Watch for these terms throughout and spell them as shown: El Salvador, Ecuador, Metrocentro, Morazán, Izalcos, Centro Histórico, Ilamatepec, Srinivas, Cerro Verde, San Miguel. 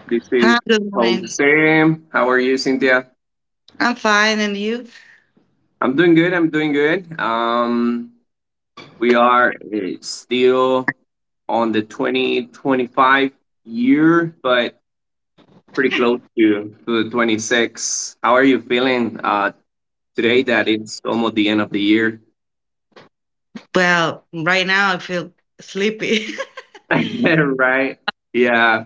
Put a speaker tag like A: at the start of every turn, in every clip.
A: this is
B: Hi, good morning.
A: Jose. How are you, Cynthia?
B: I'm fine, and you?
A: I'm doing good. I'm doing good. We are still on the 2025 year, but pretty close to the 26. How are you feeling today that it's almost the end of the year?
B: Well, right now I feel sleepy.
A: Right. Yeah.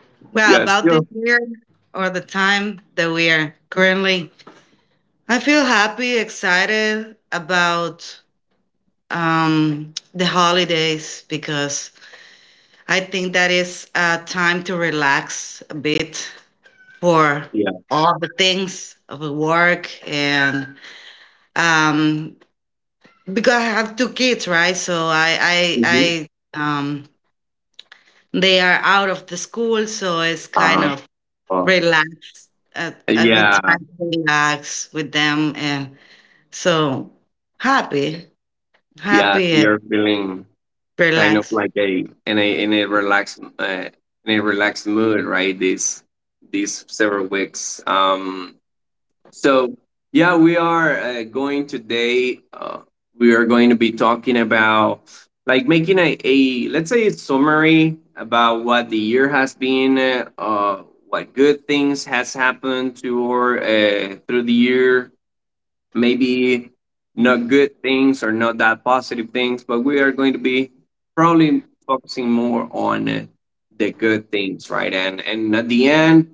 B: Well,
A: Yeah.
B: about this
A: Still.
B: year or the time that we are currently, I feel happy, excited about the holidays because I think that is a time to relax a bit for
A: Yeah.
B: all the things of the work and um, because I have two kids, right? So
A: Hmm.
B: I I they are out of the school, so it's kind
A: Uh,
B: of
A: oh.
B: relax, a good
A: Yeah.
B: time to relax with them. And so happy,
A: Yeah.
B: happy
A: You're
B: and
A: feeling kind of
B: relax.
A: like a in a relaxed mood, right? These several weeks. So yeah, we are going today. We are going to be talking about, like, making a, let's say, a summary about what the year has been, what good things has happened to, or through the year. Maybe not good things or not that positive things, but we are going to be probably focusing more on the good things, right? And at the end,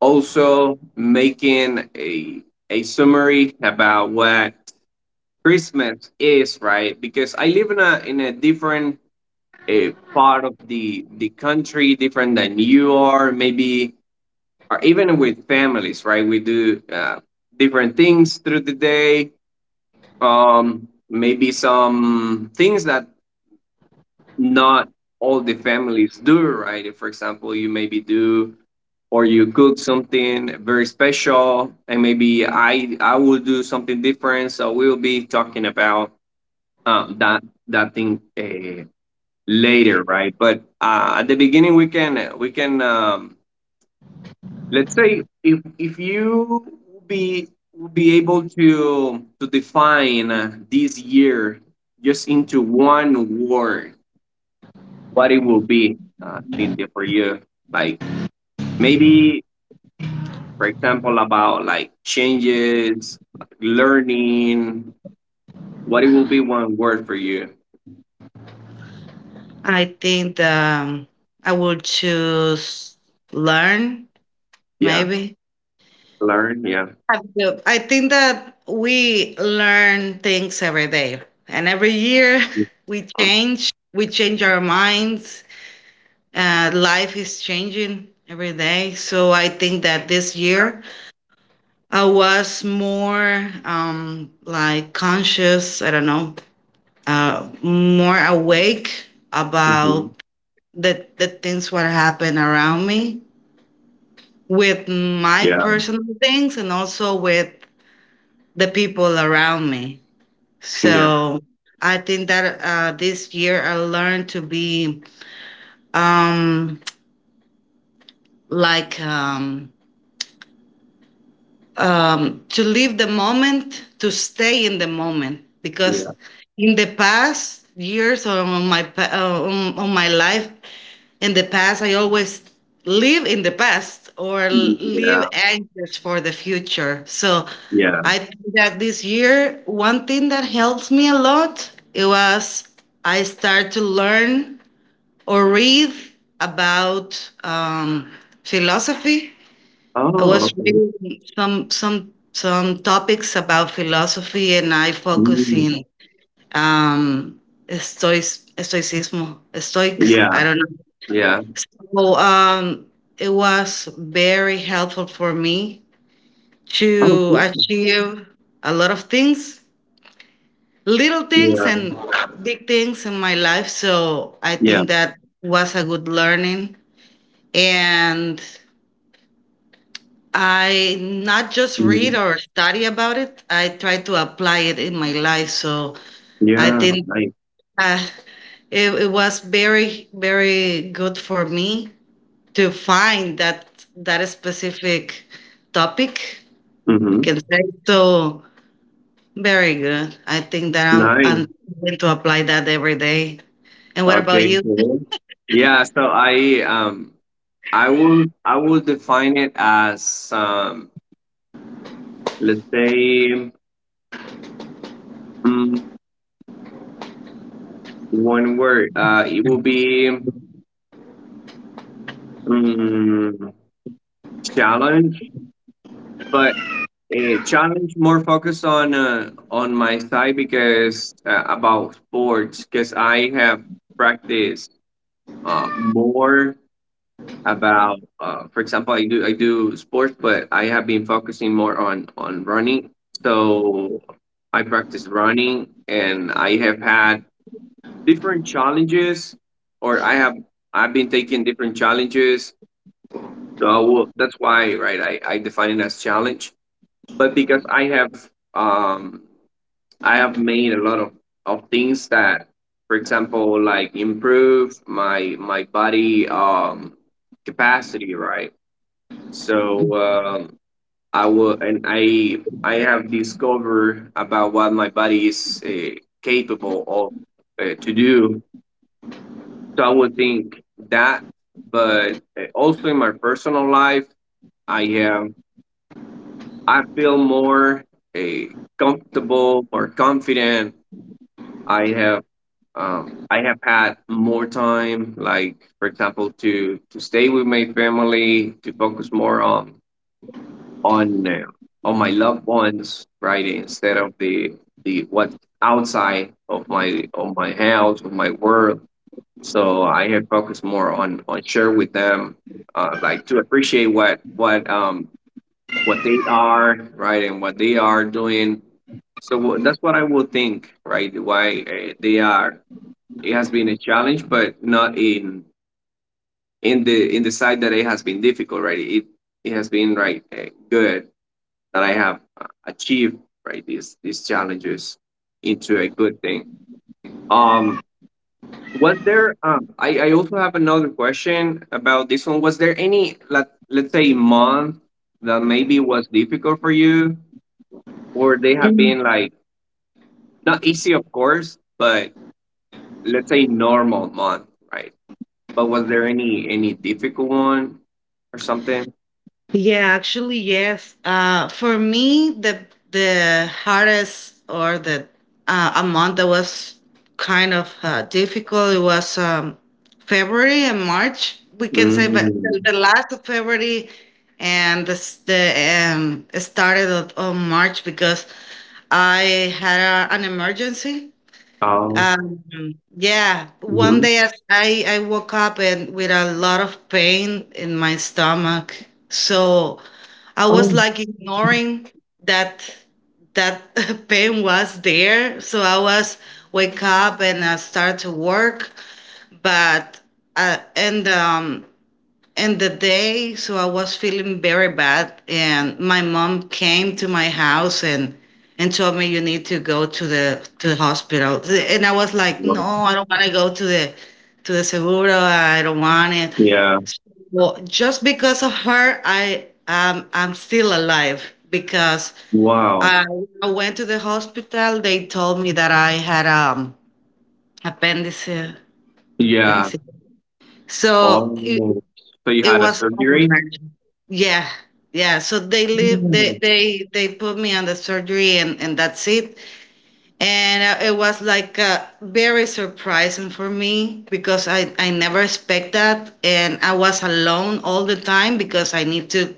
A: also making a summary about what Christmas is, right? Because I live in a different part of the country, different than you are, maybe, or even with families, right? We do different things through the day. Maybe some things that not all the families do, right? For example, you maybe do, or you cook something very special, and maybe I will do something different. So we'll be talking about that thing later, right? But at the beginning, we can let's say, if you would be able to define this year just into one word, what it will be, Cynthia, for you. Like, maybe, for example, about like changes, learning. What it will be one word for you?
B: I think I would choose learn,
A: Yeah.
B: maybe.
A: Learn. Yeah.
B: I think that we learn things every day, and every year we change. We change our minds. Life is changing every day. So I think that this year I was more like conscious, I don't know, more awake
A: Mhm.
B: about the things what happen around me with my
A: Yeah,
B: personal things and also with the people around me.
A: yeah,
B: So I think that this year I learned to be um, like to live the moment, to stay in the moment, because
A: yeah,
B: in the past years or on on my life, in the past, I always live in the past or live
A: yeah,
B: anxious for the future. So
A: yeah.
B: I think that this year, one thing that helps me a lot, it was I start to learn or read about philosophy. I
A: Oh,
B: was
A: okay.
B: reading some topics about philosophy, and I focus
A: Mm.
B: in um, stoic, stoicism, stoics.
A: Yeah,
B: I don't know.
A: yeah.
B: So it was very helpful for me
A: Oh,
B: to
A: okay.
B: achieve a lot of things, little things
A: Yeah.
B: and big things in my life. So I
A: Yeah.
B: think that was a good learning, and I not just read
A: Mhm.
B: or study about it, I try to apply it in my life. So I
A: Yeah.
B: think
A: Nice.
B: uh, it was very, very good for me to find that specific topic. We
A: Mm-hmm.
B: can say so. Very good. I think that I'm,
A: Nice.
B: I'm going to apply that every day. And what about
A: Okay.
B: you?
A: Cool. Yeah. So I will define it as, let's say, um, one word. It will be, um, challenge, but a challenge more focused on, on my side, because, about sports, because I have practiced, more about, for example, I do sports, but I have been focusing more on running. So I practice running, and I have had different challenges, or I've been taking different challenges. So I will, that's why, right? I define it as challenge, but because um I have made a lot of things that, for example, like improve my body capacity, right? So, I will, and I have discovered about what my body is capable of to do. So I would think that, but also in my personal life, I have I feel more uh, comfortable, more confident. I have I have had more time, like, for example, to stay with my family, to focus more on on uh, on my loved ones, right? Instead of the what outside of my, of my house, of my world. So I have focused more on share with them, like to appreciate what they are, right, and what they are doing. So that's what I will think, right? Why they are. It has been a challenge, but not in the side that it has been difficult, right? It has been, right, good that I have achieved, right, these challenges into a good thing. Um, was there? I also have another question about this one. Was there any, let's say, month that maybe was difficult for you, or they have been, like, not easy, of course, but let's say normal month, right? But was there any difficult one or something?
B: Yeah, actually, yes. For me, the hardest or the a month that was kind of difficult, it was February and March, we can say, but
A: Mm.
B: the last of February and the s- the started of March because I had an emergency. Uh,
A: Oh.
B: yeah, one
A: Mhm.
B: day I woke up and with a lot of pain in my stomach. So I was
A: Oh.
B: like ignoring that that pain was there. So I was wake up and I start to work, but uh, and um and the day, so I was feeling very bad and my mom came to my house and told me you need to go to the hospital and I was like no,
A: Wow.
B: I don't want to go to the seguro, I don't want it.
A: Yeah.
B: So just because of her, I I'm still alive because
A: Wow.
B: I, I went to the hospital. They told me that I had appendicitis,
A: Yeah.
B: appendicitis so it,
A: Oh, so you
B: it
A: had a
B: was
A: surgery?
B: Denmark. Yeah. Yeah, so they live they
A: Oh,
B: they they put me on the surgery and that's it. And it was like very surprising for me because I never expect that and I was alone all the time because I need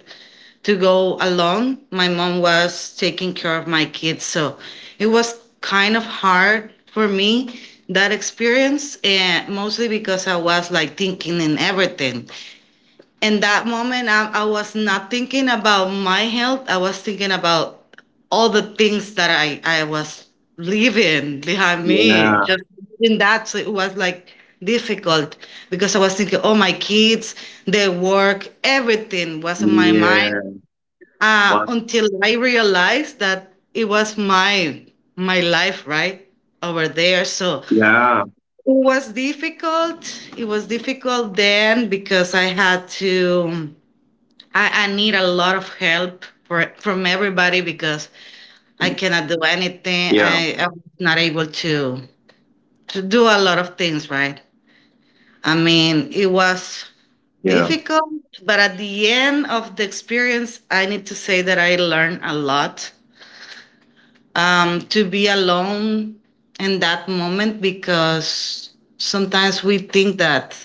B: to go alone. My mom was taking care of my kids, so it was kind of hard for me that experience, and mostly because I was like thinking in everything in that moment. I was not thinking about my health, I was thinking about all the things that I was leaving behind me
A: yeah,
B: just in that. So it was like difficult because I was thinking, oh my kids, their work, everything was on my mind
A: yeah, what?
B: until I realized that it was my life right over there. So
A: Yeah,
B: it was difficult, it was difficult then because I had to I need a lot of help for, from everybody because I cannot do anything.
A: yeah,
B: I was not able to do a lot of things, right? I mean, it was
A: yeah,
B: difficult, but at the end of the experience, I need to say that I learned a lot. To be alone in that moment because sometimes we think that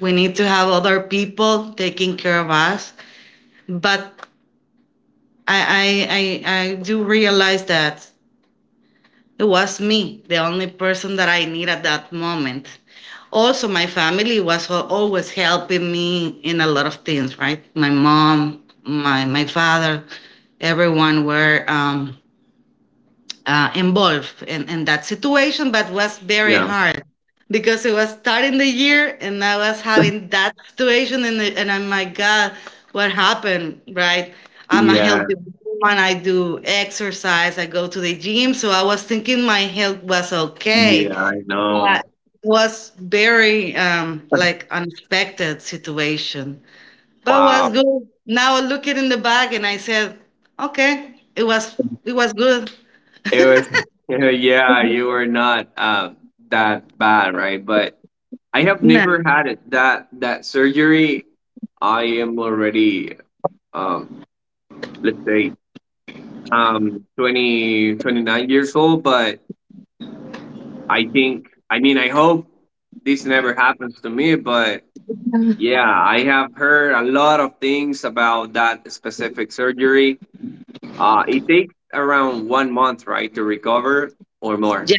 B: we need to have other people taking care of us, but I, I do realize that it was me, the only person that I need at that moment. Also, my family was always helping me in a lot of things, right? My mom, my father, everyone were involved in, that situation, but was very
A: yeah,
B: hard because it was starting the year and I was having that situation, and I'm like, God, what happened, right? I'm a
A: yeah,
B: healthy woman. I do exercise. I go to the gym. So I was thinking my health was
A: yeah,
B: okay.
A: I
B: But
A: know.
B: it was very like unexpected situation, but was
A: Wow.
B: good. Now I look it in the back and I said, okay, it was, it was good.
A: It was, yeah, you were not that bad, right? But I have
B: No.
A: never had it that surgery. I am already, um let's say, 20 29 years old, but I think, I mean, I hope this never happens to me, but yeah, I have heard a lot of things about that specific surgery. It takes around one month, right, to recover or more.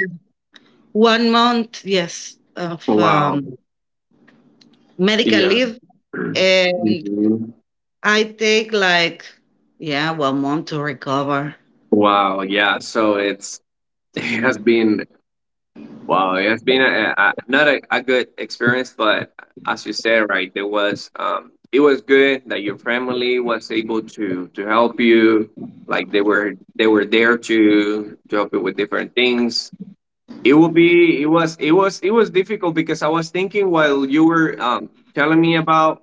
B: 1 month, yes, of
A: Wow.
B: medical
A: Yeah.
B: leave. And
A: Mhm.
B: I take like, yeah, 1 month to recover.
A: Wow. Yeah. So it's, it has been Wow, yeah, it's been not a good experience, but as you said, right, there was it was good that your family was able to help you, like they were there to help you with different things. It would be it was it was it was difficult because I was thinking while you were, telling me about,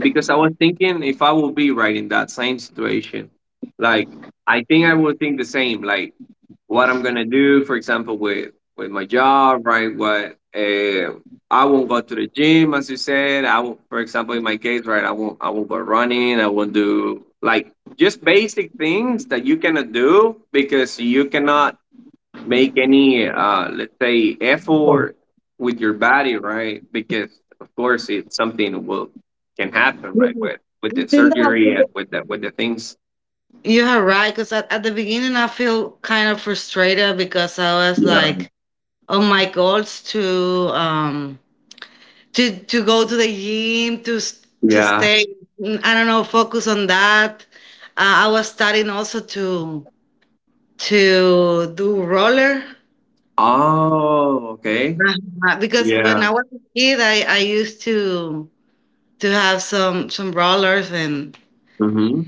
A: because I was thinking if I would be, right, in that same situation. Like, I think I would think the same, like what I'm gonna do, for example, with my job, right? What, I won't go to the gym, as you said. I will, for example, in my case, right? I won't go running. I won't do, like, just basic things that you cannot do because you cannot make any let's say
B: I
A: effort with your body, right? Because, of course, it's something that will can happen, right, with the
B: think
A: surgery and
B: that
A: with the things.
B: you are right, because at the beginning I feel kind of frustrated because I was
A: Yeah,
B: like, on my goals to go to the gym, to to
A: yeah.
B: stay. I don't know, focus on that. I was starting also to do roller.
A: Oh, okay.
B: Uh-huh, because
A: Yeah.
B: when I was a kid, I used to have some rollers and
A: Mm-hmm.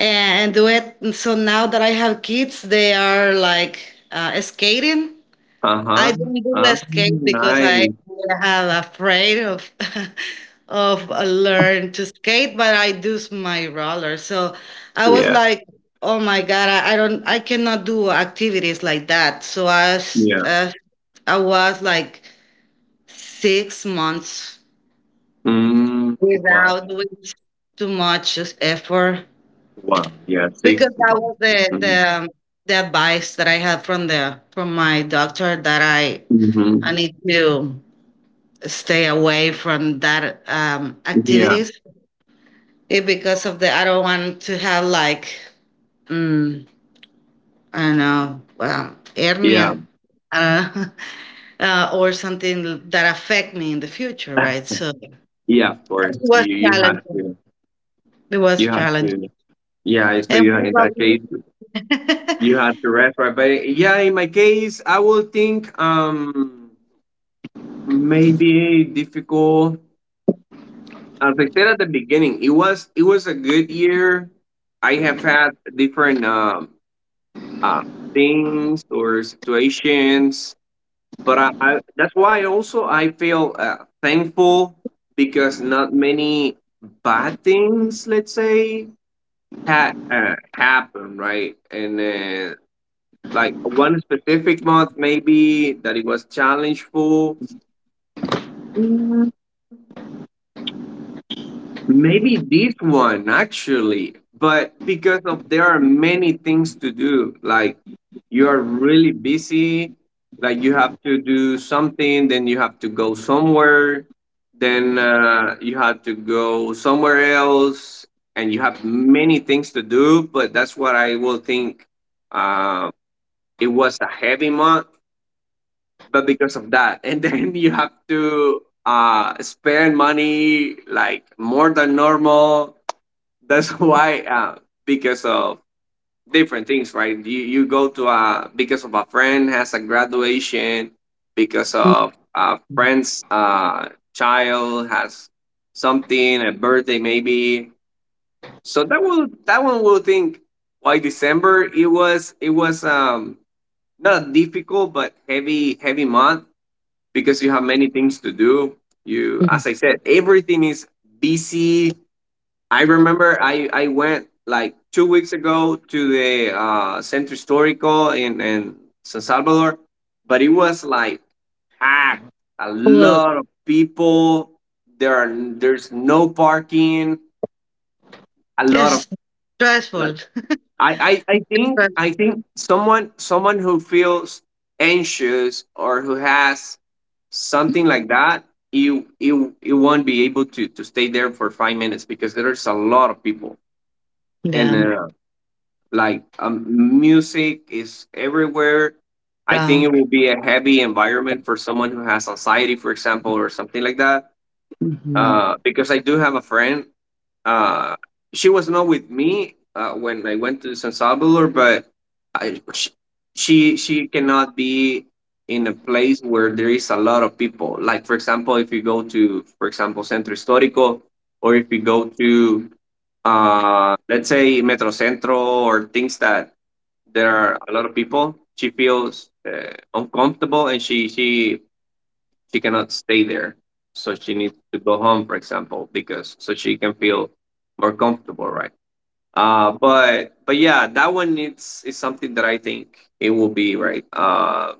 B: do it. And so now that I have kids, they are like skating.
A: Uh-huh.
B: I don't do the skate because I
A: Nice.
B: have afraid of of learn to skate, but I do my roller. So I was
A: Yeah,
B: like, oh my god, I don't, I cannot do activities like that. So
A: yeah.
B: I was like 6 months
A: Wow,
B: without which too much effort
A: wow. Yeah. six
B: because that was
A: months
B: the
A: Mm-hmm.
B: advice that I had from the from my doctor that I
A: Mm-hmm.
B: need to stay away from that
A: Yeah,
B: activities, it, because of the I don't want to have like mm, I don't know, well,
A: yeah.
B: hernia I don't know, or something that affect me in the future, right? So it
A: Yeah, of course,
B: was
A: you you have
B: challenging,
A: to
B: it was
A: you have
B: challenging,
A: to Yeah, so
B: and
A: you,
B: what
A: in that case,
B: about
A: you have to refer. But yeah, in my case, I would think, maybe difficult. As I said at the beginning, it was a good year. I have had different uh, things or situations, but I that's why also I feel thankful, because not many bad things, let's say, had happened, right? And Like one specific month, maybe that it was challenged for. Mm, maybe this one actually, but because of there are many things to do. Like, you are really busy. Like, you have to do something, then you have to go somewhere, then you have to go somewhere else, and you have many things to do. But that's what I will think. Uh, it was a heavy month, but because of that. And then you have to spend money, like, more than normal. That's why, because of different things, right? You go to a, because of a friend has a graduation, because
B: you?
A: of a friend's child has something, a birthday maybe. So that will, that one will think, why December. It was not a difficult but heavy, heavy month because you have many things to do. You,
B: Mm.
A: as I said, everything is busy. I remember I went like 2 weeks ago to the, Centro Historico in San Salvador, but it was like packed. A
B: Full.
A: lot of people. There's no parking. A lot of,
B: Yes,
A: like,
B: stressful.
A: I, I, I think I
B: Stressful.
A: think someone who feels anxious or who has something like that, you won't be able to stay there for 5 minutes because there's a lot of people, and
B: Yeah.
A: like, music is everywhere. I
B: Yeah.
A: think it will be a heavy environment for someone who has anxiety, for example, or something like that,
B: Mhm.
A: because I do have a friend. Uh, she was not with me when I went to San Salvador, but I, sh- she cannot be in a place where there is a lot of people. Like, for example, if you go to, for example, Centro Histórico, or if you go to, let's say, Metrocentro, or things that there are a lot of people, she feels uncomfortable and she cannot stay there, so she needs to go home, for example, because so she can feel more comfortable, right? But yeah, that one needs is something that I think it will be right,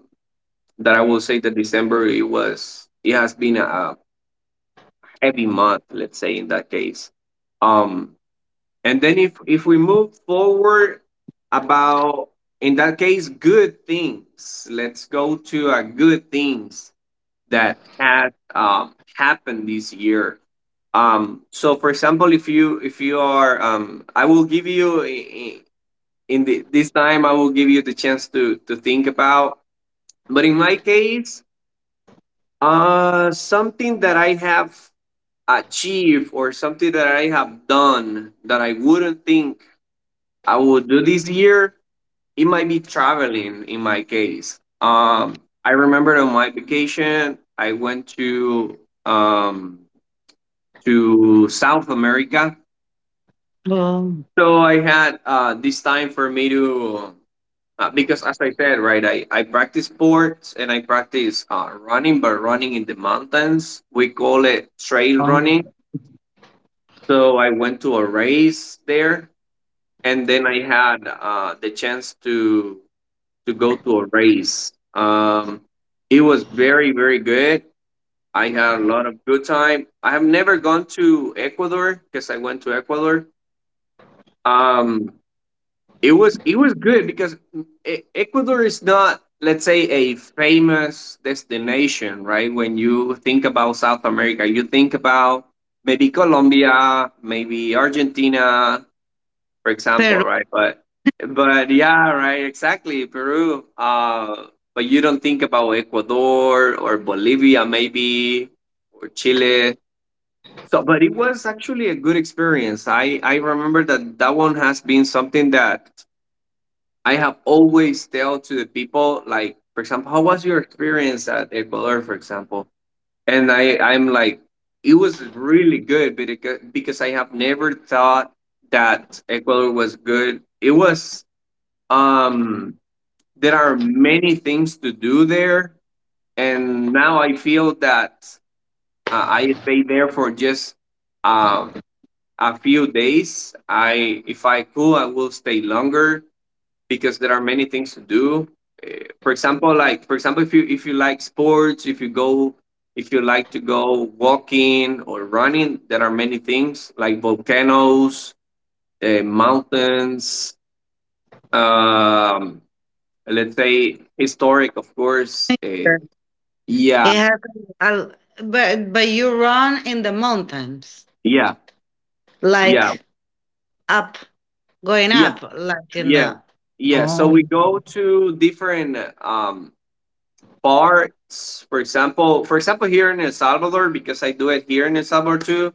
A: that I will say that December, it has been a heavy month, let's say, in that case. um and then, if we move forward about, in that case, good things, let's go to a good things that had happened this year. So, for example, if you are, I will give you, in the, this time. I will give you the chance to think about. But in my case, something that I have achieved or something that I have done that I wouldn't think I would do this year. It might be traveling. In my case, I remember, on my vacation, I went to um, South America.
B: Well,
A: So I had this time for me to, because as I said, right, I practice sports and I practice running, but running in the mountains. We call it trail
B: um,
A: running. So I went to a race there and then I had the chance to go to a race. It was very, very good. I had a lot of good time. I have never gone to Ecuador because I went to Ecuador. Um, it was good because Ecuador is not, let's say, a famous destination, right? When you think about South America, you think about maybe Colombia, maybe Argentina, for example,
B: Peru,
A: right? But yeah, right, exactly, Peru. But you don't think about Ecuador or Bolivia, maybe, or Chile. So, but it was actually a good experience. I remember that that one has been something that I have always tell to the people, like, for example, how was your experience at Ecuador, for example? And I'm like, it was really good because I have never thought that Ecuador was good. It was, um, there are many things to do there, and now I feel that I stayed there for just um a few days. I if I could, I will stay longer because there are many things to do. For example, if you, if you like sports, if you go, if you like to go walking or running, there are many things like volcanoes, mountains. Um, let's say historic, of course. Yeah,
B: it happened al- but you run in the mountains,
A: yeah, yeah,
B: like up, going
A: yeah,
B: up, like in
A: yeah,
B: the.
A: yeah. So
B: Oh.
A: we go to different um, parts. For example, here in El Salvador, because I do it here in El Salvador too.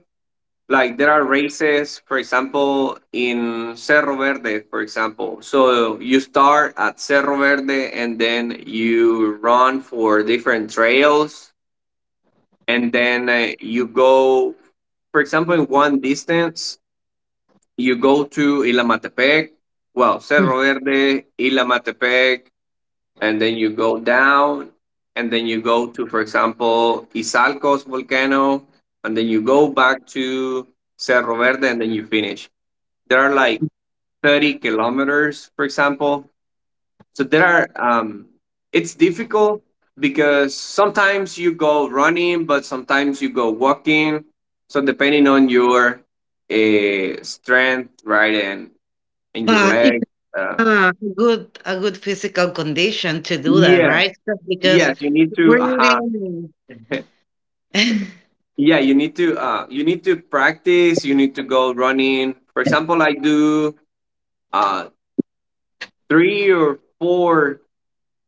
A: Like there are races, for example, in Cerro Verde, for example. So you start at Cerro Verde and then you run for different trails. And then you go, for example, in one distance, you go to Ilamatepec, well,
B: Mm.
A: Cerro Verde, Ilamatepec, and then you go down. And then you go to, for example, Izalcos volcano. And then you go back to Cerro Verde and then you finish. There are like 30 kilometers, for example. So there are, um, it's difficult because sometimes you go running but sometimes you go walking, so depending on your strength, right, and your
B: But you
A: leg, uh,
B: have a good physical condition to do that,
A: yeah,
B: right? Just because
A: yes, you need to uh huh.
B: breathing.
A: Yeah, you need to practice, you need to go running. For example, I do uh three or four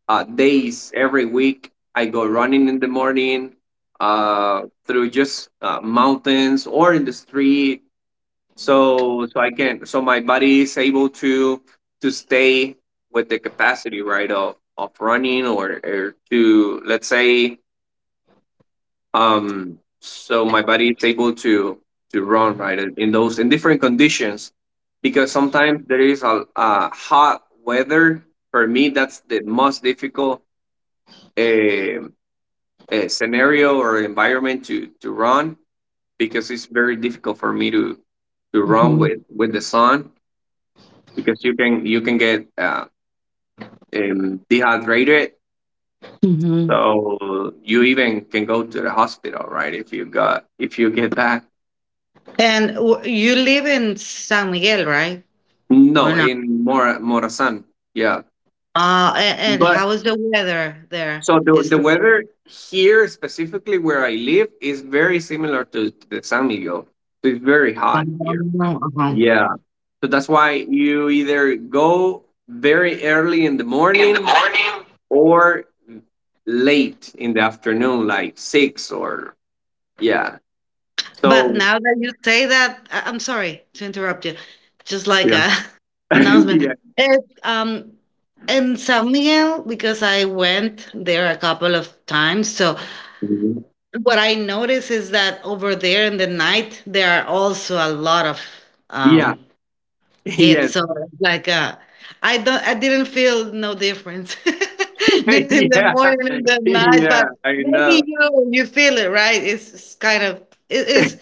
A: days every week. I go running in the morning through just mountains or in the street, so so I can, so my body is able to stay with the capacity, right, of running, or to, let's say, um, so my body is able to run, right, in those, in different conditions, because sometimes there is a hot weather. For me that's the most difficult, eh, scenario or environment to run, because it's very difficult for me to run
B: Mhm.
A: with the sun, because you can get, dehydrated,
B: Mhm.
A: so you even can go to the hospital, right, if you got, if you get that.
B: And you live in San Miguel, right? Or
A: No,
B: not.
A: in Morazan, yeah,
B: A And
A: but
B: how is the weather there?
A: so
B: Is
A: the
B: it,
A: weather here specifically where I live is very similar to the San Miguel, so it's very hot here,
B: uh-huh.
A: yeah. So that's why you either go very early in the morning or late in the afternoon, like six or yeah.
B: But
A: So
B: now that you say that, I'm sorry to interrupt you. Just like
A: yeah,
B: a announcement.
A: yeah,
B: It's, in San Miguel, because I went there a couple of times, so
A: mhm.
B: what I notice is that over there in the night, there are also a lot of,
A: Yeah,
B: um hit.
A: yes,
B: So like I didn't feel no difference between the
A: yeah,
B: morning and the night,
A: yeah.
B: but
A: I
B: maybe
A: know.
B: you feel it, right? It's, kind of, it is,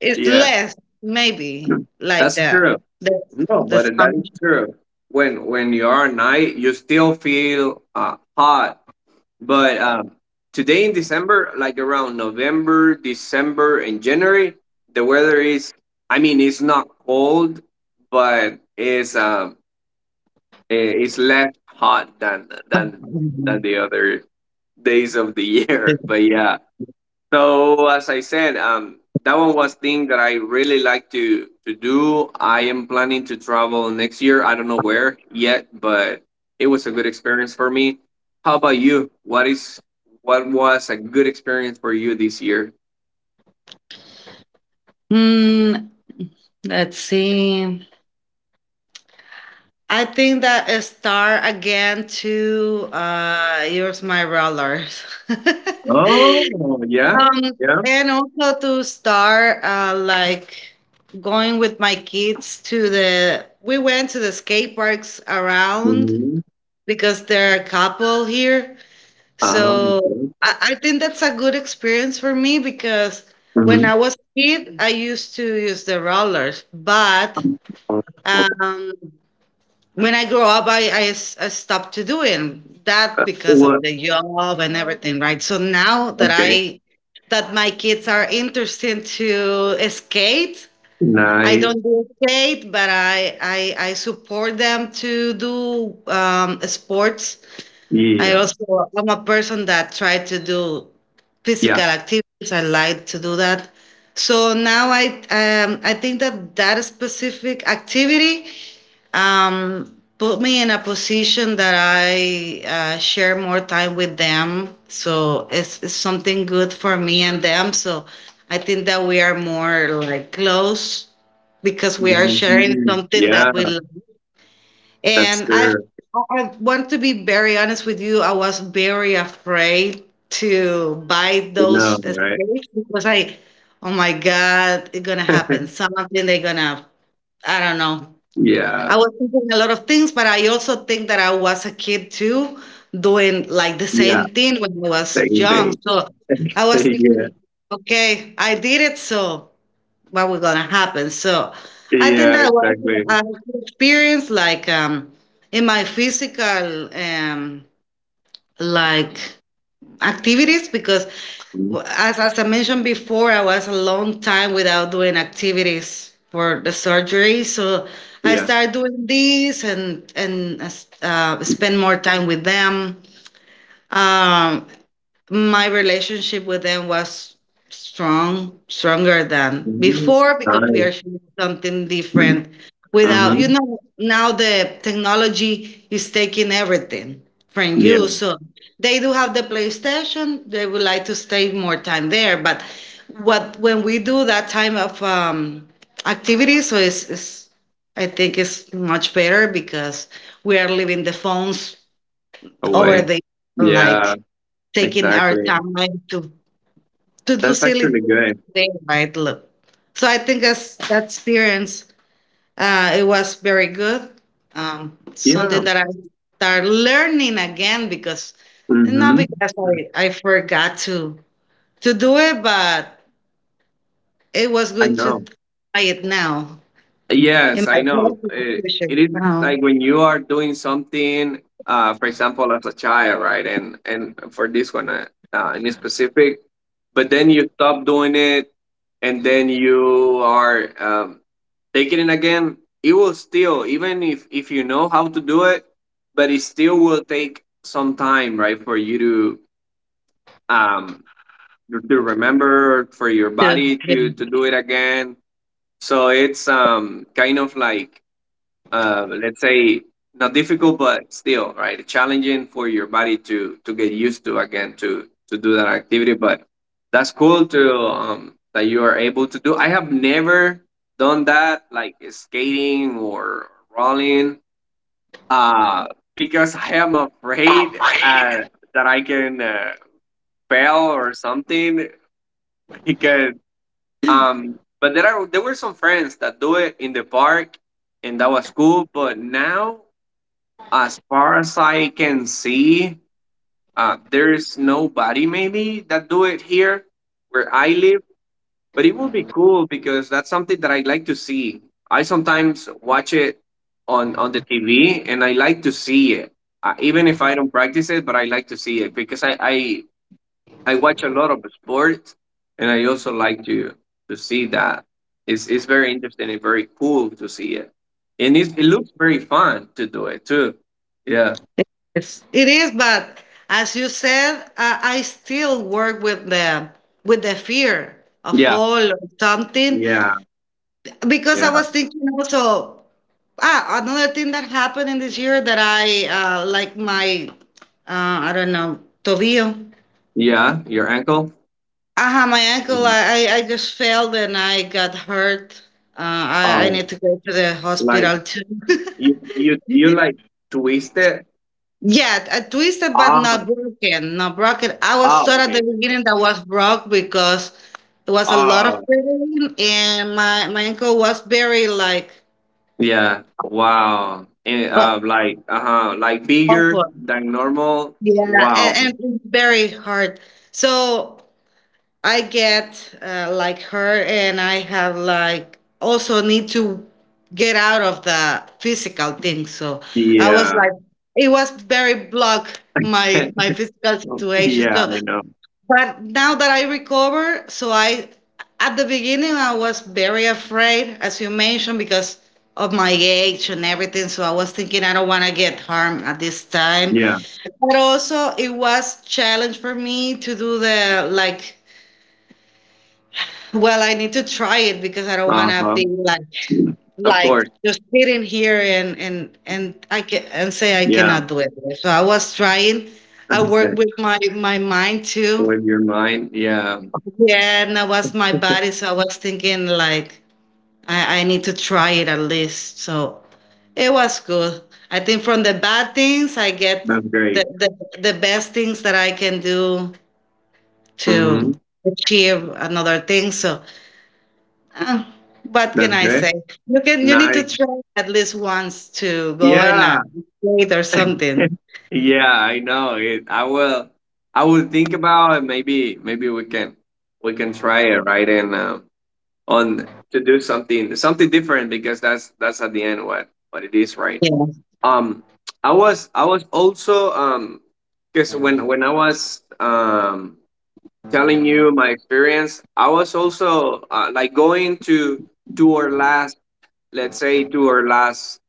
B: it's
A: Yeah,
B: less maybe like
A: that's
B: that.
A: true.
B: The
A: No, but
B: song.
A: that is true. When you are at night, you still feel hot. But today in December, like around November, December, and January, the weather is, I mean, it's not cold, but it's eh, it's less hot than
B: Mhm.
A: the other days of the year. But yeah, so as I said, that one was thing that I really like to do. I am planning to travel next year. I don't know where yet, but it was a good experience for me. How about you? What is, what was a good experience for you this year?
B: Hmm, let's see. I think that a star again to yours my rollers.
A: Oh, yeah,
B: Um,
A: yeah.
B: and also to start, like going with my kids to the, we went to the skate parks around
A: Hmm.
B: because there are a couple here. So
A: Okay.
B: I think that's a good experience for me because when
A: Hmm,
B: I was a kid, I used to use the rollers, but um, when I grow up, I, I stopped to doing that because of
A: what?
B: the job and everything, right? So now that
A: Okay.
B: I that my kids are interested to skate, I
A: Nice.
B: don't do skate, but I support them to do sports. I
A: Yeah.
B: also I'm a person that try to do
A: Yeah.
B: physical activities. I like to do that. So now I think that that specific activity put me in a position that I share more time with them. So it's something good for me and them. So I think that we are more like close because we are sharing
A: Hmm.
B: something
A: Yeah,
B: that we love.
A: that's
B: And
A: true.
B: I want to be very honest with you. I was very afraid to buy
A: I know,
B: those
A: right?
B: escapes because I, oh my God, it's gonna happen. Something they're gonna, I don't know,
A: Yeah,
B: I was thinking a lot of things, but I also think that I was a kid too, doing like the
A: yeah,
B: same thing when I was
A: same
B: young.
A: thing.
B: So I was
A: Yeah,
B: thinking, okay, I did it, so what was gonna happen? So I think
A: yeah,
B: that was
A: exactly.
B: an experience like in my physical like activities because
A: Mm,
B: as I mentioned before, I was a long time without doing activities for the surgery. So I
A: yeah.
B: started doing these and spend more time with them. Um, my relationship with them was strong, stronger than
A: Mm,
B: before because we
A: nice.
B: are sharing something different. Without,
A: Mm-hmm.
B: now the technology is taking everything from
A: Yeah,
B: you. So they do have the PlayStation. They would like to stay more time there. But what when we do that time of activity, so it's I think it's much better because we are leaving the phones over
A: away.
B: there,
A: Yeah,
B: like taking our
A: exactly.
B: time like, to do
A: That's
B: silly
A: actually
B: things
A: good.
B: today, right? Look. So I think that's that experience it was very good.
A: Yeah.
B: Something that I start learning again because not
A: Mm-hmm.
B: because I forgot to do it, but it was
A: I
B: good to
A: know.
B: try it now in
A: Yes,
B: my
A: I know. It,
B: future
A: it is
B: now
A: like when you are doing something, for example, as a child, right? And for this one, in specific, but then you stop doing it, and then you are, taking it again. It will still, even if you know how to do it, but it still will take some time, right, for you um to remember, for your
B: to
A: body
B: yeah.
A: to do it again. So it's, kind of like, let's say not difficult but still, right, challenging for your body to get used to again, to do that activity. But that's cool to that you are able to do. I have never done that, like skating or rolling, uh because I am afraid that I can fail or something. Because um, but there are, there were some friends that do it in the park and that was cool, but now as far as I can see, there's nobody maybe that do it here where I live. But it would be cool because that's something that I like to see. I sometimes watch it on the TV, and I like to see it, even if I don't practice it. But I like to see it because I watch a lot of sports, and I also like to see that. It's very interesting and very cool to see it, and it, it looks very fun to do it too. Yeah.
B: Yes. It is, but as you said, I still work with the fear of
A: Yeah,
B: fall or something
A: yeah,
B: because
A: yeah,
B: I was thinking also ah another thing that happened in this year that I like my I don't know tobillo.
A: yeah. Your ankle.
B: Ah, my ankle. I just fell and I got hurt. I
A: Oh,
B: need to go to the
A: like
B: hospital too.
A: you like twist it.
B: Yeah, twisted but
A: Ah,
B: not broken. Not broken. I was
A: oh,
B: taught at
A: okay,
B: the
A: okay, okay.
B: beginning that was broke because it was a lot of
A: Oh,
B: pain, and my ankle was very like
A: yeah. Wow. And
B: uh,
A: like, uh huh, like bigger
B: awful.
A: than normal.
B: Yeah,
A: Wow.
B: and very hard. So I get like hurt, and I have like also need to get out of the physical thing. So I was
A: Yeah.
B: like, it was very block
A: Yeah,
B: my physical situation. So
A: I know.
B: but now that I recover, so I, at the beginning, I was very afraid, as you mentioned, because of my age and everything. So I was thinking I don't want to get harmed at this time.
A: Yeah.
B: But also, it was challenge for me to do the like. Well, I need to try it because I don't want
A: Uh
B: to
A: huh.
B: be like
A: Of course.
B: just sitting here and I can and say I
A: Yeah.
B: cannot do it. So I was trying. I work with my mind too.
A: With your mind. Yeah.
B: Yeah, and that was my body. So I was thinking like I need to try it at least. So it was good. I think from the bad things I get
A: That's
B: the,
A: great.
B: the, the best things that I can do to
A: Mm-hmm.
B: achieve another thing. So uh, what can
A: That's
B: I
A: great.
B: say? You can you need to
A: Nice.
B: try at least once to go in a
A: Yeah.
B: date or something.
A: Yeah, I know. It, I will. I will think about it. Maybe, maybe we can try it, right, and on to do something, something different, because that's at the end what it is, right?
B: Yeah.
A: Um, I was, I was also, um, because when I was, telling you my experience, I was also, like going to our last, let's say, to our last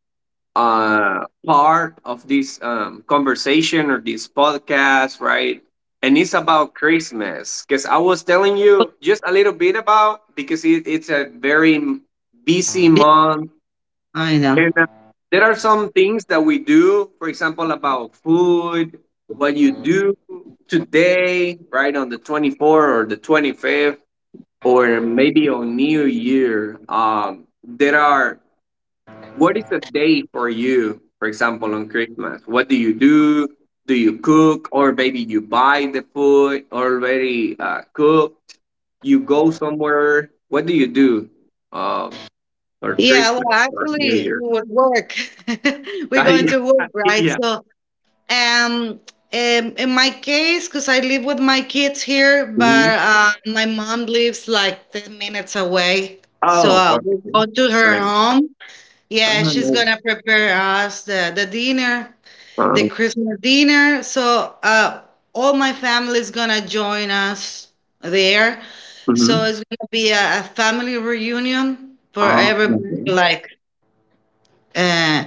A: part of this conversation or this podcast, right? And it's about Christmas, because I was telling you just a little bit about, because it, it's a very busy month.
B: I know.
A: And there are some things that we do, for example, about food, what you do today, right, on the 24th or the 25th, or maybe on New Year. There are, what is a day for you, for example, on Christmas? What do you do? Do you cook, or maybe you buy the food already cooked? You go somewhere. What do you do, um, for
B: Yeah,
A: Christmas
B: well,
A: or New
B: actually, we
A: Year?
B: would work. We're
A: Ah,
B: going
A: yeah.
B: to work, right?
A: Yeah.
B: So Um, in my case, because I live with my kids here, but
A: Mhm.
B: my mom lives like 10 minutes away. So
A: Oh, okay.
B: we'll go to her
A: Right.
B: home.
A: I
B: Yeah,
A: don't
B: she's
A: know.
B: going to prepare us the dinner, the
A: Uh,
B: Christmas dinner. So all my family is going to join us there. So
A: mm-hmm.
B: it's going to be a family reunion for
A: Oh,
B: everybody,
A: okay.
B: like uh,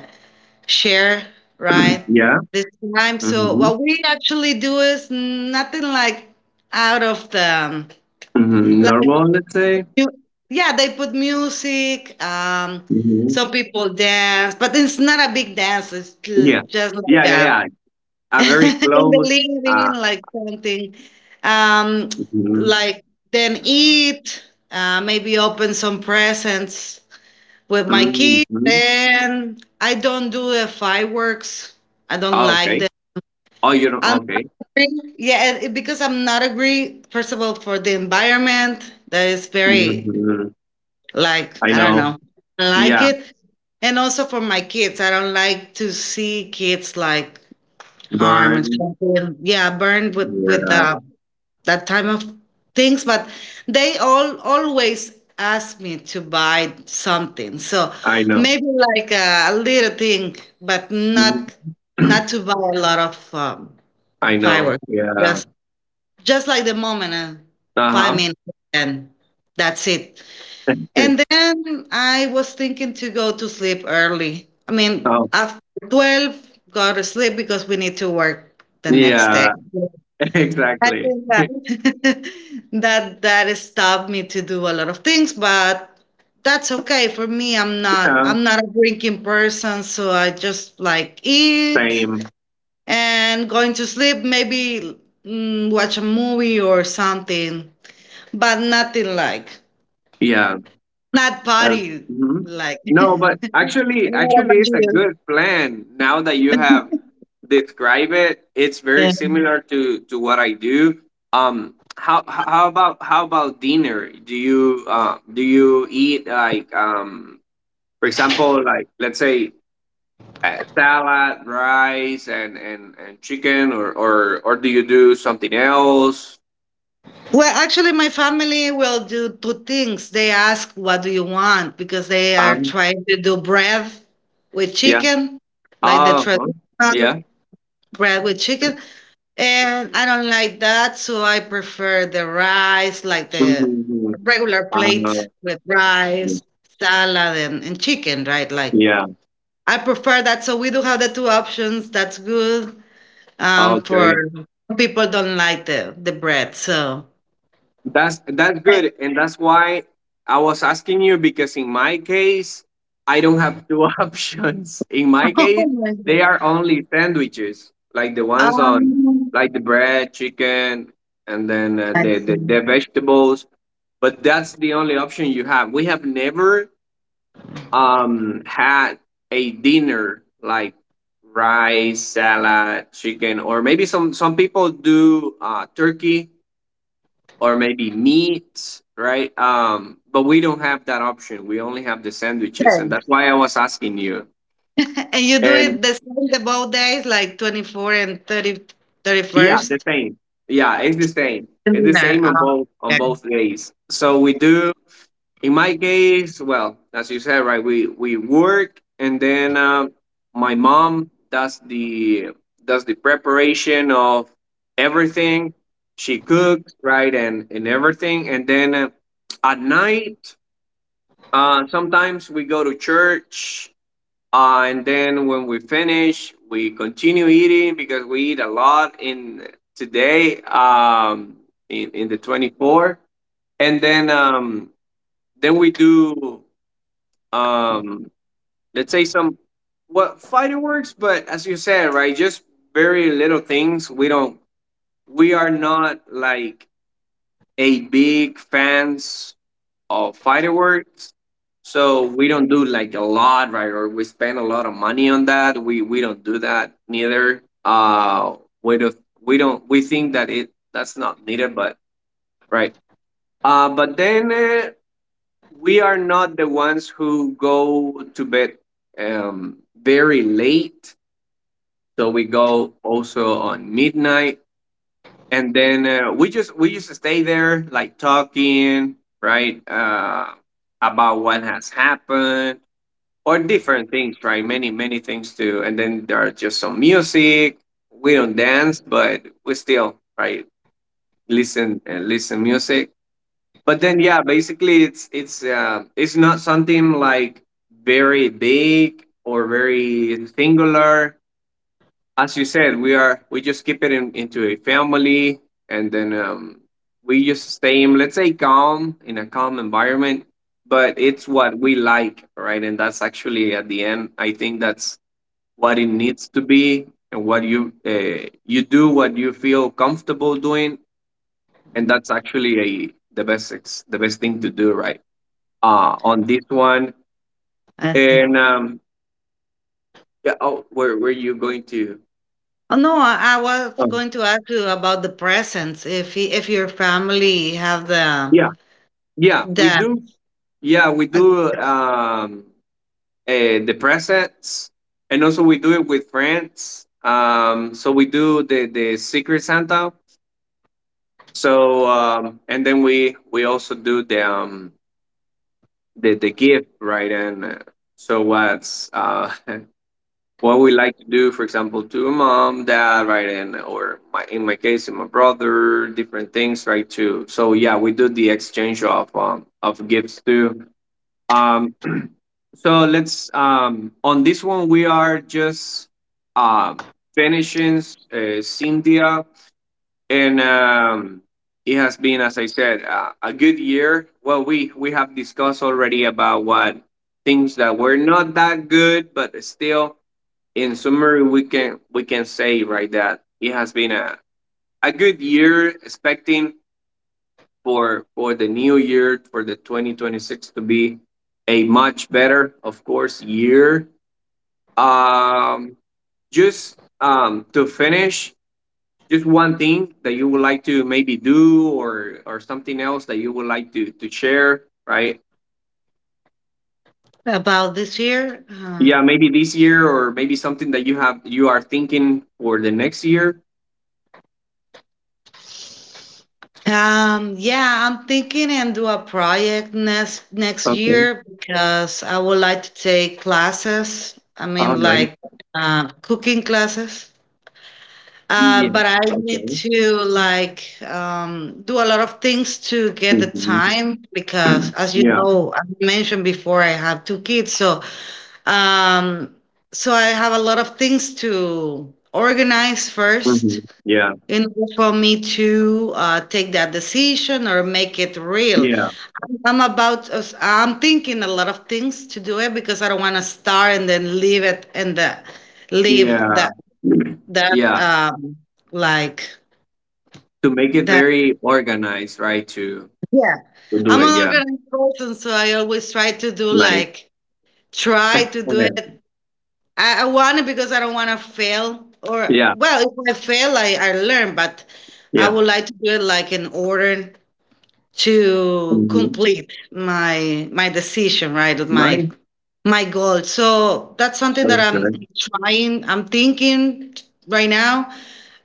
B: share, right?
A: Yeah.
B: This time. So
A: Mm-hmm.
B: what we actually do is nothing like out of the
A: Mm-hmm.
B: like
A: Normal, let's say.
B: you, yeah, they put music,
A: Mm-hmm.
B: some people dance, but it's not a big dance, it's
A: Yeah.
B: just like
A: Yeah, yeah,
B: a
A: yeah. A
B: in
A: very
B: the
A: close. Uh.
B: living, like something. Um,
A: Mhm.
B: like then eat, maybe open some presents with my kids.
A: Mhm.
B: And I don't do the fireworks. I don't
A: Oh,
B: like
A: okay.
B: them.
A: Oh, you don't.
B: I'm
A: Okay.
B: agree. Yeah, and it- because I'm not agree. First of all, for the environment, that is very
A: Hmm.
B: like
A: I
B: I don't
A: know.
B: know, I like
A: Yeah.
B: it, and also for my kids, I don't like to see kids like harm and
A: Burn.
B: something. Yeah, burned with
A: Yeah.
B: that type of things. But they all always ask me to buy something, so
A: I know.
B: maybe like a, little thing, but
A: Mhm.
B: not not to buy a lot of
A: I know.
B: fireworks
A: Yeah.
B: just like the moment,
A: Uh
B: five
A: huh.
B: minutes, and that's it. And then I was thinking to go to sleep early. I mean,
A: Oh,
B: after 12, go to sleep because we need to work the next day.
A: yeah.
B: I
A: Exactly.
B: think that that stopped me to do a lot of things, but that's okay for me.
A: Yeah.
B: I'm not a drinking person, so I just like eat
A: Same.
B: and going to sleep, maybe watch a movie or something but nothing like
A: Yeah.
B: not
A: Uh,
B: party
A: mhm.
B: like
A: No, but actually,
B: What
A: actually,
B: about
A: it's a
B: you?
A: good plan. Now that you have described it, it's very
B: Yeah.
A: similar to what I do. How about, how about dinner? Do you, do you eat like, for example, like, let's say, salad, rice, and chicken, or do you do something else?
B: Well, actually, my family will do two things. They ask what do you want because they are
A: Um,
B: trying to do bread with
A: Yeah.
B: chicken like the
A: Oh, huh?
B: traditional
A: Yeah.
B: bread with chicken and I don't like that, so I prefer the rice like
A: Mhm,
B: the
A: mhm.
B: regular plates
A: Uh,
B: with rice salad and chicken, right? Like
A: yeah.
B: I prefer that. So we do have the two options. That's good. For
A: Okay.
B: people don't like the bread, so
A: That's good. And that's why I was asking you, because in my case, I don't have two options. In my case,
B: Oh my
A: they
B: god.
A: are only sandwiches, like the ones on,
B: Um,
A: like, the bread, chicken, and then,
B: I see.
A: the vegetables, but that's the only option you have. We have never had a dinner like rice, salad, chicken, or maybe some people do turkey or maybe meat, right? But we don't have that option. We only have the sandwiches, and
B: Yes.
A: that's why I was asking you.
B: And you do
A: And
B: it the same the both days, like 24 and
A: yeah, the
B: 31st.
A: same. Yeah, it's the same.
B: 31st
A: It's the
B: dinner.
A: same on both, on
B: Yeah,
A: both days. So we do. In my case, well, as you said, right? We work, and then my mom does the preparation of everything. She cooks, right, and everything, and then at night sometimes we go to church, and then when we finish, we continue eating because we eat a lot in today, in the 24. And then we do, um, let's say, some what fireworks, but as you said, right, just very little things. We are not like a big fans of fireworks, so we don't do like a lot, right? Or we spend a lot of money on that. We don't do that neither. We don't we think that it that's not needed, but right. But then we are not the ones who go to bed very late. So we go also on midnight and then we just stay there like talking, right, about what has happened or different things, right, many many things too. And then there are just some music. We don't dance, but we still, right, listen and listen music. But then yeah, basically it's it's not something like very big or very singular. As you said, we just keep it into a family, and then we just stay let's say, calm in a calm environment. But it's what we like, right? And that's actually at the end. I think that's what it needs to be, and what you you do, what you feel comfortable doing, and that's actually a, the best the best thing to do, right? On this one,
B: I see.
A: and yeah. Oh, were you going to?
B: Oh no, I was
A: Oh,
B: going to ask you about the presents. If if your family have the
A: yeah. Yeah, we
B: that
A: do. Yeah, we
B: uh,
A: do uh, the presents, and also we do it with friends. So we do the Secret Santa. So and then we also do the the gift, right? And so what's what we like to do, for example, to a mom, dad, right, and or my in my case, in my brother, different things, right, too. So yeah, we do the exchange of gifts too. Um, so let's on this one we are just um, finishing Cynthia, and it has been, as I said, a good year. Well, we have discussed already about what things that were not that good, but still, in summary, we can say, right, that it has been a good year. Expecting for the new year, for the 2026, to be a much better of course year. um just to finish, just one thing that you would like to maybe do, or something else that you would like to share, right?
B: about this year,
A: Yeah, maybe this year or maybe something that you have you are thinking for the next year.
B: Yeah, I'm thinking and do a project next
A: Okay,
B: year because I would like to take classes. I
A: all
B: mean,
A: right.
B: like cooking classes.
A: Yeah.
B: But I need
A: Okay.
B: to like do a lot of things to get the
A: Hmm.
B: time because, as you
A: Yeah.
B: know, I mentioned before, I have two kids, so um, so I have a lot of things to organize
A: Hmm.
B: first
A: Yeah,
B: in order for me to take that decision or make it real.
A: yeah,
B: I'm about, I'm thinking a lot of things to do it because I don't want to start and then leave it and leave
A: yeah.
B: that,
A: yeah.
B: um, like
A: To make it
B: that.
A: very organized, right? To
B: Yeah.
A: to do
B: I'm
A: it,
B: an
A: yeah.
B: organized person, so I always try to do
A: Nice.
B: like, try to do
A: Okay.
B: it. I want it because I don't want to fail. Or,
A: Yeah,
B: well, if I fail, I learn, but I
A: yeah.
B: would like to do it like in order to
A: Hmm.
B: complete my decision, right? Of my
A: Nice.
B: my goal. So that's something that
A: Sounds
B: I'm
A: good.
B: trying, I'm thinking right now.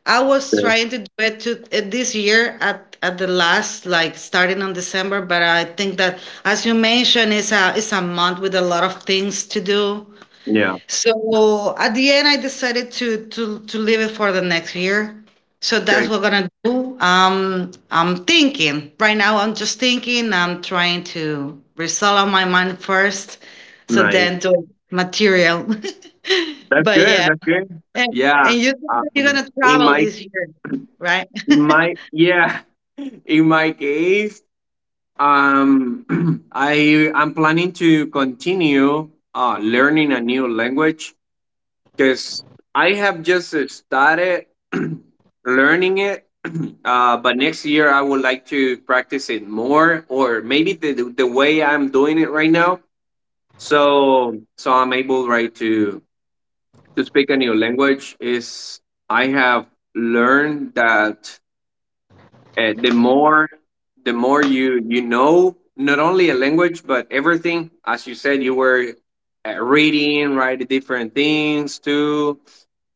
B: I was
A: Good.
B: trying to do it to this year at the last like starting on December, but I think that as you mentioned, it's a month with a lot of things to do.
A: Yeah.
B: So at the end, I decided to leave it for the next year. So that's
A: Great.
B: what we're gonna do. I'm thinking right now. I'm just thinking. I'm trying to resolve my mind first, so
A: Nice.
B: then do material.
A: That's
B: But
A: good.
B: yeah,
A: That's good.
B: and,
A: Yeah.
B: and you said that you're gonna
A: In
B: travel
A: my
B: this year, right?
A: My yeah, in my case, um, I'm planning to continue learning a new language because I have just started learning it. But next year, I would like to practice it more, or maybe the the way I'm doing it right now. So I'm able, right, to speak a new language. Is I have learned that the more you know, not only a language but everything. As you said, you were reading, right, different things too.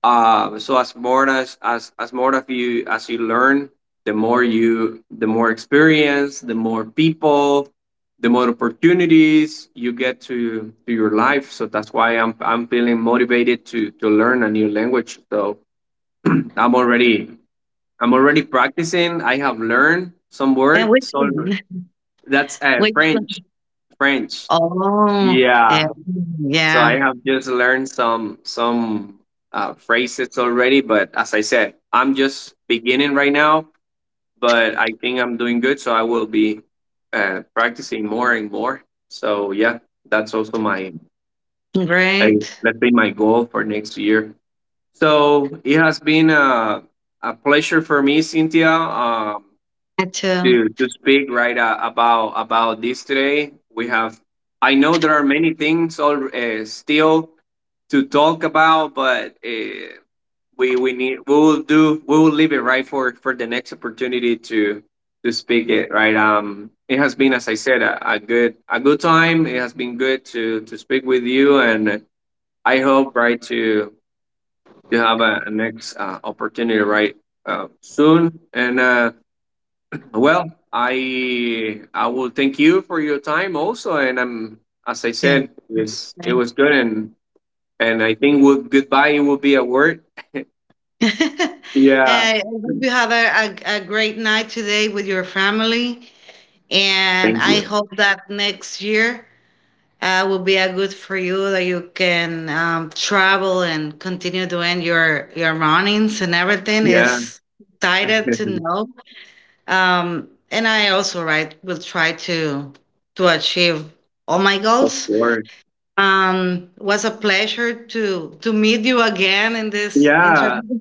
A: So as more as, as more of you, as you learn, the more you the more experience, the more people, the more opportunities you get to your life. So that's why I'm feeling motivated to learn a new language. So I'm already I'm already practicing. I have learned some
B: And which
A: words. So
B: one?
A: that's
B: Which one?
A: French. French.
B: Oh, yeah,
A: Yeah, so I
B: yeah,
A: have just learned some phrases already, but as I said, I'm just beginning right now. But I think I'm doing good, so I will be practicing more and more. So yeah, that's also my I,
B: great.
A: let's say my goal for next year. So it has been a pleasure for me, Cynthia.
B: Me too.
A: To speak, right, about this today. We have I know there are many things all, still to talk about, but we need we will leave it, right, for the next opportunity to speak it, right. It has been, as I said, a good time. It has been good to speak with you, and I hope, right, to have a next opportunity, right, soon and. Well, I will thank you for your time also, and I'm as I
B: Yeah.
A: said, it's it
B: Right.
A: was good, and I think would goodbye will be a word. Yeah,
B: And I hope you have a great night today with your family. And
A: thank
B: I
A: you.
B: hope that next year will be a good for you that you can travel and continue doing your runnings and everything
A: Yeah,
B: is excited to know. And I also, right, will try to achieve all my
A: of
B: goals.
A: course.
B: Was a pleasure to meet you again in this
A: Yeah,
B: interview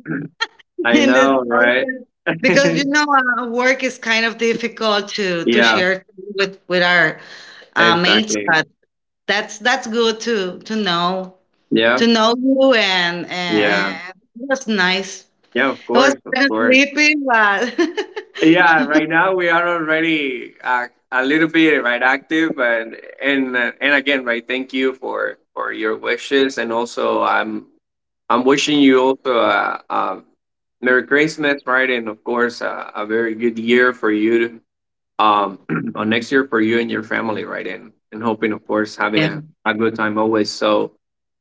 A: I
B: in the
A: know, right?
B: process. Because you know, work is kind of difficult to
A: yeah,
B: share with our mates.
A: exactly.
B: But that's good to know
A: Yeah,
B: to know you, and
A: yeah,
B: it was nice.
A: yeah. Of
B: It was
A: course, of
B: kind of
A: course.
B: sleepy, but
A: Yeah, right now we are already a little bit right active, and and again, right. Thank you for your wishes, and also I'm wishing you also a Merry Christmas, right, and of course a very good year for you, um, or next year for you and your family, right, and hoping, of course, having
B: yeah,
A: a good time always. So,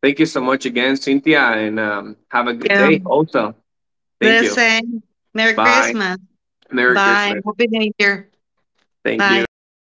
A: thank you so much again, Cynthia, and have a good
B: yeah.
A: day. Also, thank
B: The
A: you.
B: same. Merry
A: Bye.
B: Christmas.
A: Merry
B: Bye.
A: Christmas.
B: Happy New Year.
A: Thank
B: Bye.
A: you.